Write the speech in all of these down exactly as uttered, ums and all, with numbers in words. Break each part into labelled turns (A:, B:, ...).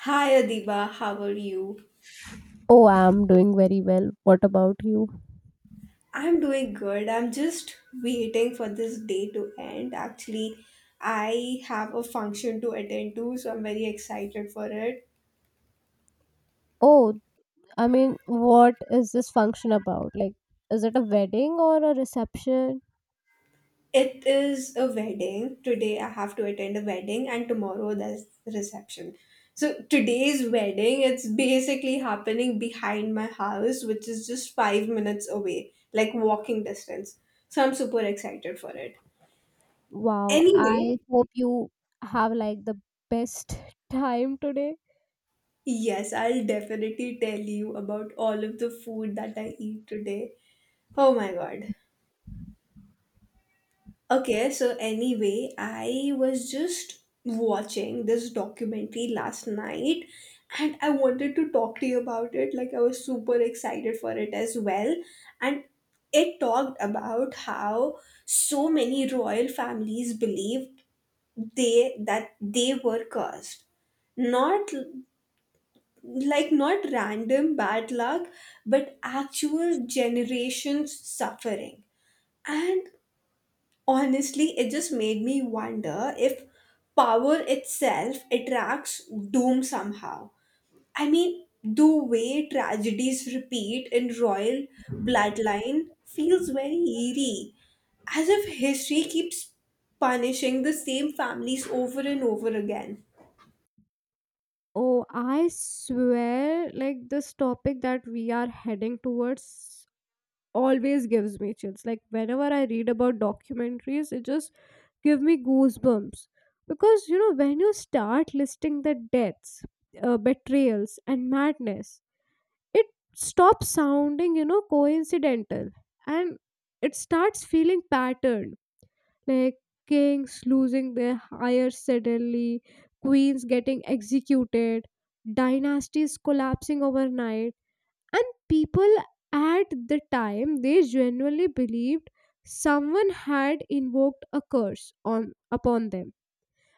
A: Hi Adiba, how are you?
B: Oh, I'm doing very well. What about you?
A: I'm doing good. I'm just waiting for this day to end. Actually, I have a function to attend to, so I'm very excited for it.
B: Oh, I mean, what is this function about? Like, is it a wedding or a reception?
A: It is a wedding. Today I have to attend a wedding and tomorrow there's reception. So today's wedding, it's basically happening behind my house, which is just five minutes away, like walking distance. So I'm super excited for it.
B: Wow, I
A: Anyway,
B: hope you have like the best time today.
A: yes, I'll definitely tell you about all of the food that I eat today. Oh my god. Okay, so anyway, I was just watching this documentary last night and I wanted to talk to you about it. Like, I was super excited for it as well. And it talked about how so many royal families believed they that they were cursed, not like not random bad luck but actual generations suffering. And honestly it just made me wonder if power itself attracts doom somehow. I mean, the way tragedies repeat in royal bloodline feels very eerie, as if history keeps punishing the same families over and over again.
B: Oh, I swear, like this topic that we are heading towards always gives me chills. Like whenever I read about documentaries, it just give me goosebumps because you know when you start listing the deaths, uh, betrayals, and madness, it stops sounding you know coincidental and it starts feeling patterned. Like kings losing their hire suddenly, queens getting executed, dynasties collapsing overnight, and people at the time they genuinely believed someone had invoked a curse on upon them.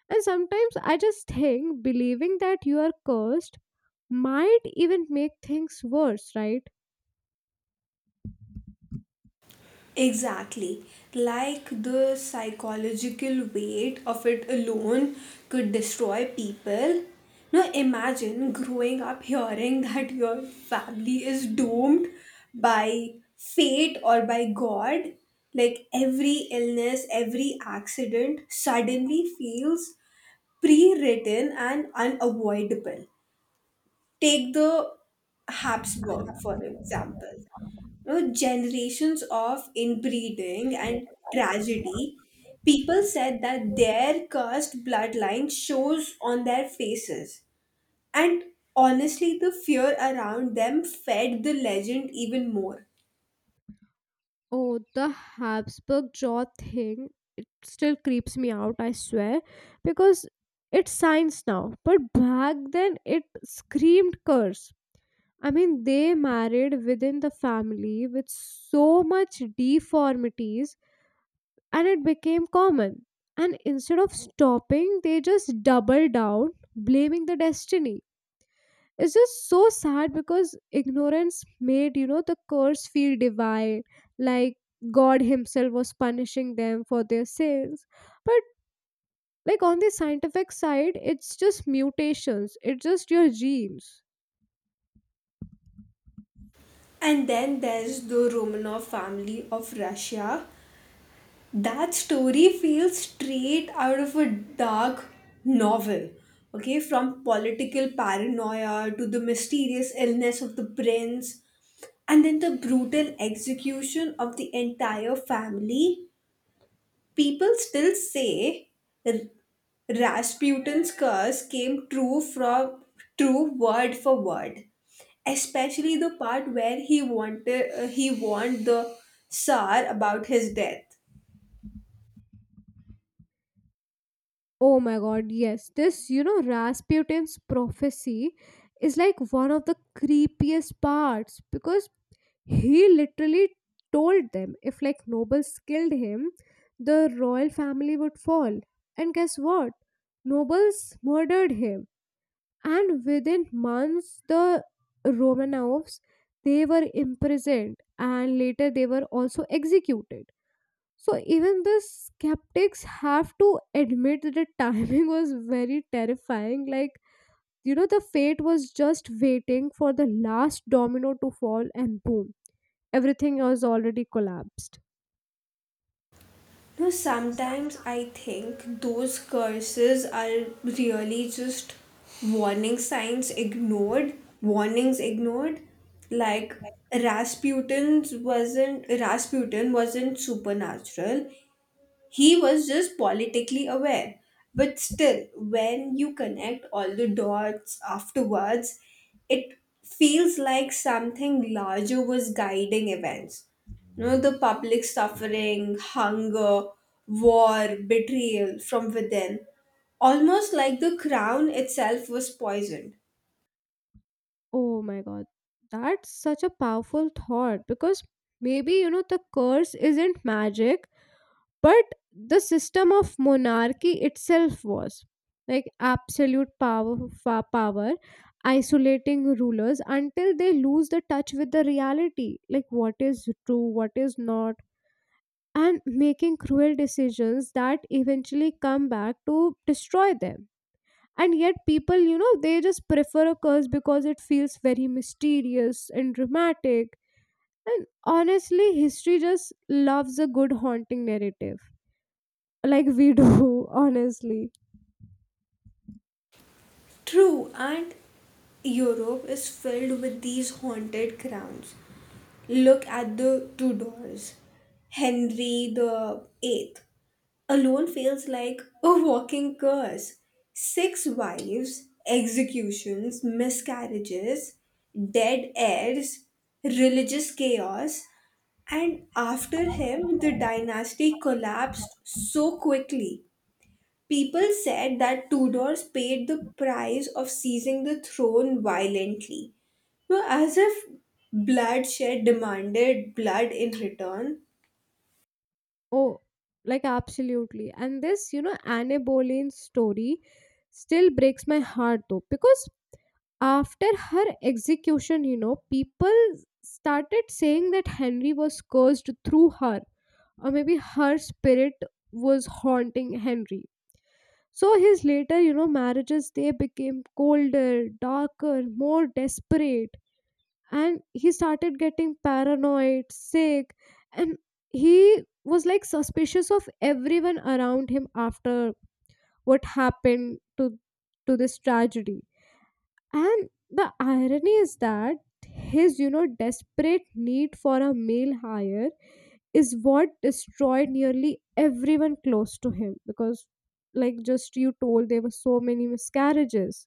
B: And sometimes I just think believing that you are cursed might even make things worse, right?
A: Exactly. Like the psychological weight of it alone could destroy people. Now imagine growing up hearing that your family is doomed by fate or by God. Like every illness, every accident suddenly feels pre written and unavoidable. Take the Habsburg, for example, know, generations of inbreeding and tragedy, people said that their cursed bloodline shows on their faces. And honestly, the fear around them fed the legend even more.
B: Oh, the Habsburg jaw thing, it still creeps me out, I swear, because it's science now. But back then, it screamed curse. I mean, they married within the family with so much deformities, and it became common. And instead of stopping, they just double down, blaming the destiny. It's just so sad because ignorance made, you know, the curse feel divine, like God Himself was punishing them for their sins. But, like, on the scientific side, it's just mutations, it's just your genes.
A: And then there's the Romanov family of Russia. That story feels straight out of a dark novel. Okay, from political paranoia to the mysterious illness of the prince. And then the brutal execution of the entire family. People still say R- Rasputin's curse came true, from true word for word. Especially the part where he wanted uh, he warned the Tsar about his death.
B: Oh my god, yes. This, you know, Rasputin's prophecy is like one of the creepiest parts because he literally told them if like nobles killed him, the royal family would fall. And guess what? Nobles murdered him. And within months the Romanovs they were imprisoned and later they were also executed. So even the skeptics have to admit that the timing was very terrifying. Like, you know, the fate was just waiting for the last domino to fall and boom, everything was already collapsed.
A: No, sometimes I think those curses are really just warning signs ignored, warnings ignored. Like Rasputin's wasn't Rasputin wasn't supernatural. He was just politically aware. But still, when you connect all the dots afterwards, it feels like something larger was guiding events. You know, the public suffering, hunger, war, betrayal from within, almost like the crown itself was poisoned.
B: Oh my god. That's such a powerful thought because maybe, you know, the curse isn't magic, but the system of monarchy itself was like absolute power, fa- power isolating rulers until they lose the touch with the reality, like what is true, what is not, and making cruel decisions that eventually come back to destroy them. And yet people, you know they just prefer a curse because it feels very mysterious and dramatic. And honestly, history just loves a good haunting narrative, like we do, honestly.
A: True, and Europe is filled with these haunted crowns. Look at the Tudors. Henry the Eighth alone feels like a walking curse. Six wives, executions, miscarriages, dead heirs, religious chaos, and after him, the dynasty collapsed so quickly. People said that Tudors paid the price of seizing the throne violently, no, as if bloodshed demanded blood in return.
B: Oh, like absolutely. And this, you know Anne Boleyn story still breaks my heart though because after her execution, you know people started saying that Henry was cursed through her, or maybe her spirit was haunting Henry. So his later, you know marriages they became colder, darker, more desperate. And he started getting paranoid, sick, and he was like suspicious of everyone around him after what happened to to this tragedy. And the irony is that his, you know desperate need for a male hire is what destroyed nearly everyone close to him, because like just you told, there were so many miscarriages.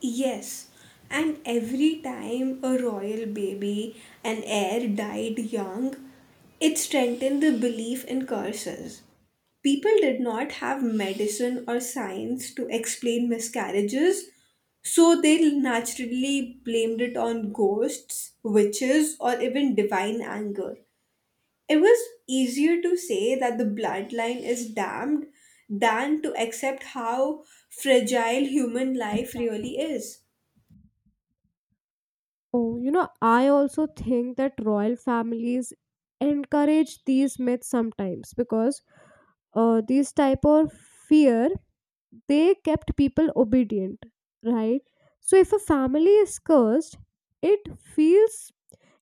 A: Yes, and every time a royal baby, an heir, died young, it strengthened the belief in curses. People did not have medicine or science to explain miscarriages, so they naturally blamed it on ghosts, witches, or even divine anger. It was easier to say that the bloodline is damned than to accept how fragile human life really is.
B: Oh, you know, I also think that royal families encourage these myths sometimes because uh, these type of fear they kept people obedient, right? So if a family is cursed, it feels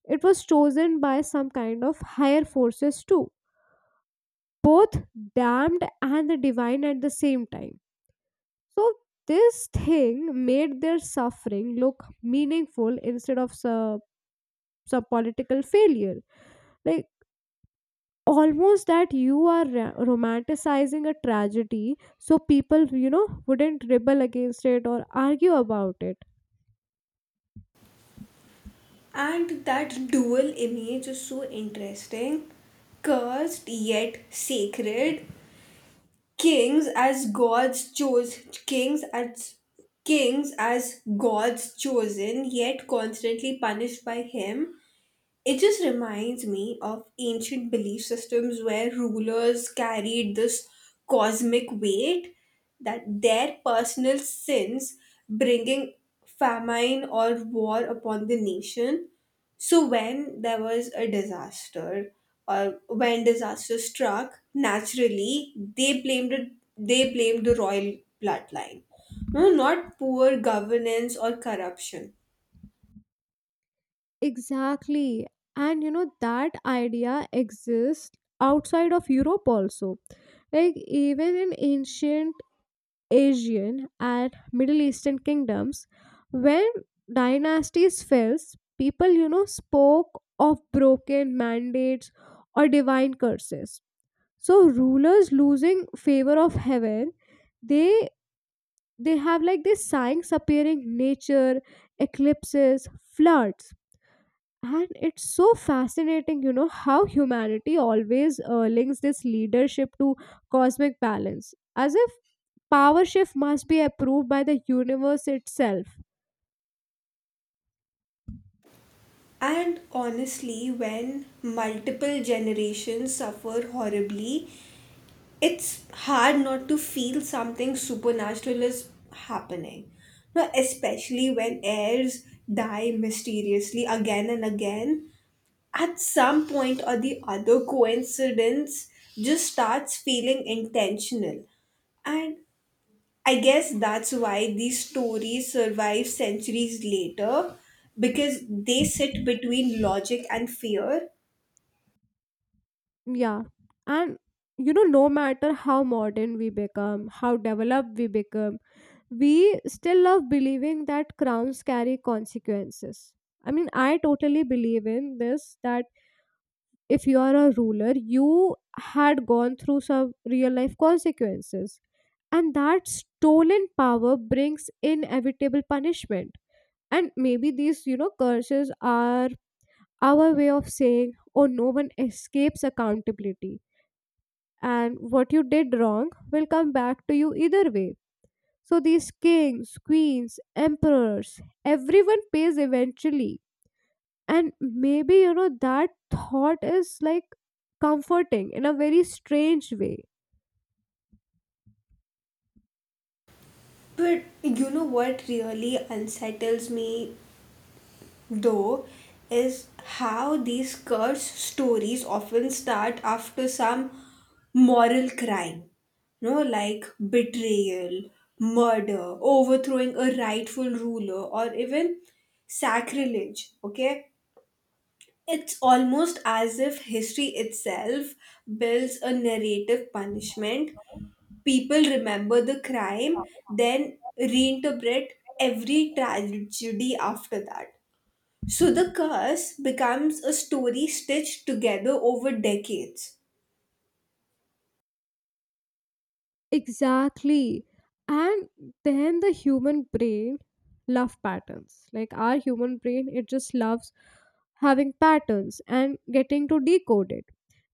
B: it was chosen by some kind of higher forces too, both damned and the divine at the same time. So this thing made their suffering look meaningful instead of some, some political failure, like almost that you are ra- romanticizing a tragedy, so people, you know wouldn't rebel against it or argue about it.
A: And that dual image is so interesting. Cursed yet sacred. Kings as gods chose kings as Kings as gods chosen, yet constantly punished by him. It just reminds me of ancient belief systems where rulers carried this cosmic weight, that their personal sins bringing famine or war upon the nation. So when there was a disaster, or when disaster struck, naturally they blamed it they blamed the royal bloodline. No, not poor governance or corruption.
B: Exactly. And you know that idea exists outside of Europe also. Like even in ancient Asian and Middle Eastern kingdoms, when dynasties fell, people, you know spoke of broken mandates or divine curses. So rulers losing favor of heaven, they they have like these signs appearing nature, eclipses, floods. And it's so fascinating, you know how humanity always uh, links this leadership to cosmic balance, as if power shift must be approved by the universe itself.
A: And honestly, when multiple generations suffer horribly, it's hard not to feel something supernatural is happening. Now, especially when heirs die mysteriously again and again, at some point or the other, coincidence just starts feeling intentional. And I guess that's why these stories survive centuries later, because they sit between logic and fear.
B: Yeah. And you know, no matter how modern we become, how developed we become, we still love believing that crowns carry consequences. I mean, I totally believe in this that if you are a ruler, you had gone through some real life consequences. And that stolen power brings inevitable punishment. And maybe these, you know, curses are our way of saying, oh, no one escapes accountability. And what you did wrong will come back to you either way. So these kings, queens, emperors, everyone pays eventually. And maybe, you know, that thought is like comforting in a very strange way.
A: But you know what really unsettles me though is how these cursed stories often start after some moral crime. You know, like betrayal, murder, overthrowing a rightful ruler, or even sacrilege. Okay, it's almost as if history itself builds a narrative punishment. People remember the crime, then reinterpret every tragedy after that. So the curse becomes a story stitched together over decades.
B: Exactly. And then the human brain love patterns. Like our human brain, it just loves having patterns and getting to decode it.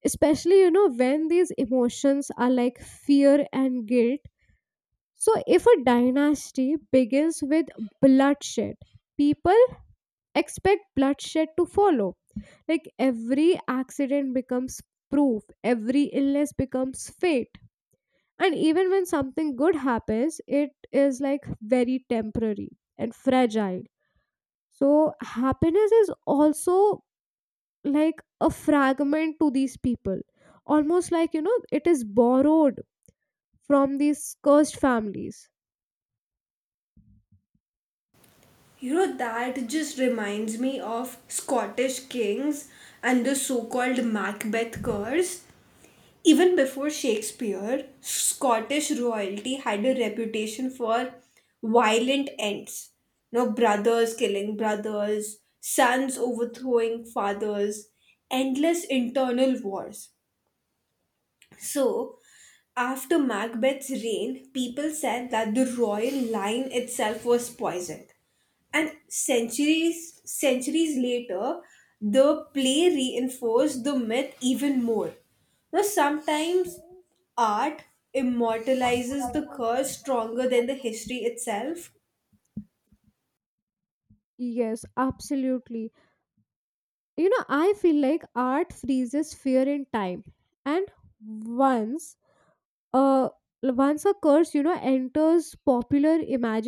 B: Especially, you know, when these emotions are like fear and guilt. So, if a dynasty begins with bloodshed, people expect bloodshed to follow. Like every accident becomes proof, every illness becomes fate. And even when something good happens, it is like very temporary and fragile. So, happiness is also like a fragment to these people, almost like, you know, it is borrowed from these cursed families.
A: You know, that just reminds me of Scottish kings and the so called Macbeth curse. Even before Shakespeare, Scottish royalty had a reputation for violent ends. No, brothers killing brothers, sons overthrowing fathers, endless internal wars. So, after Macbeth's reign, people said that the royal line itself was poisoned. And centuries centuries later, the play reinforced the myth even more. Now sometimes art immortalizes
B: Normalizes
A: the curse
B: the first
A: stronger than the
B: problem.
A: history itself.
B: Yes, absolutely. You know, I feel like art freezes fear in time. And once uh once a curse, you know, enters popular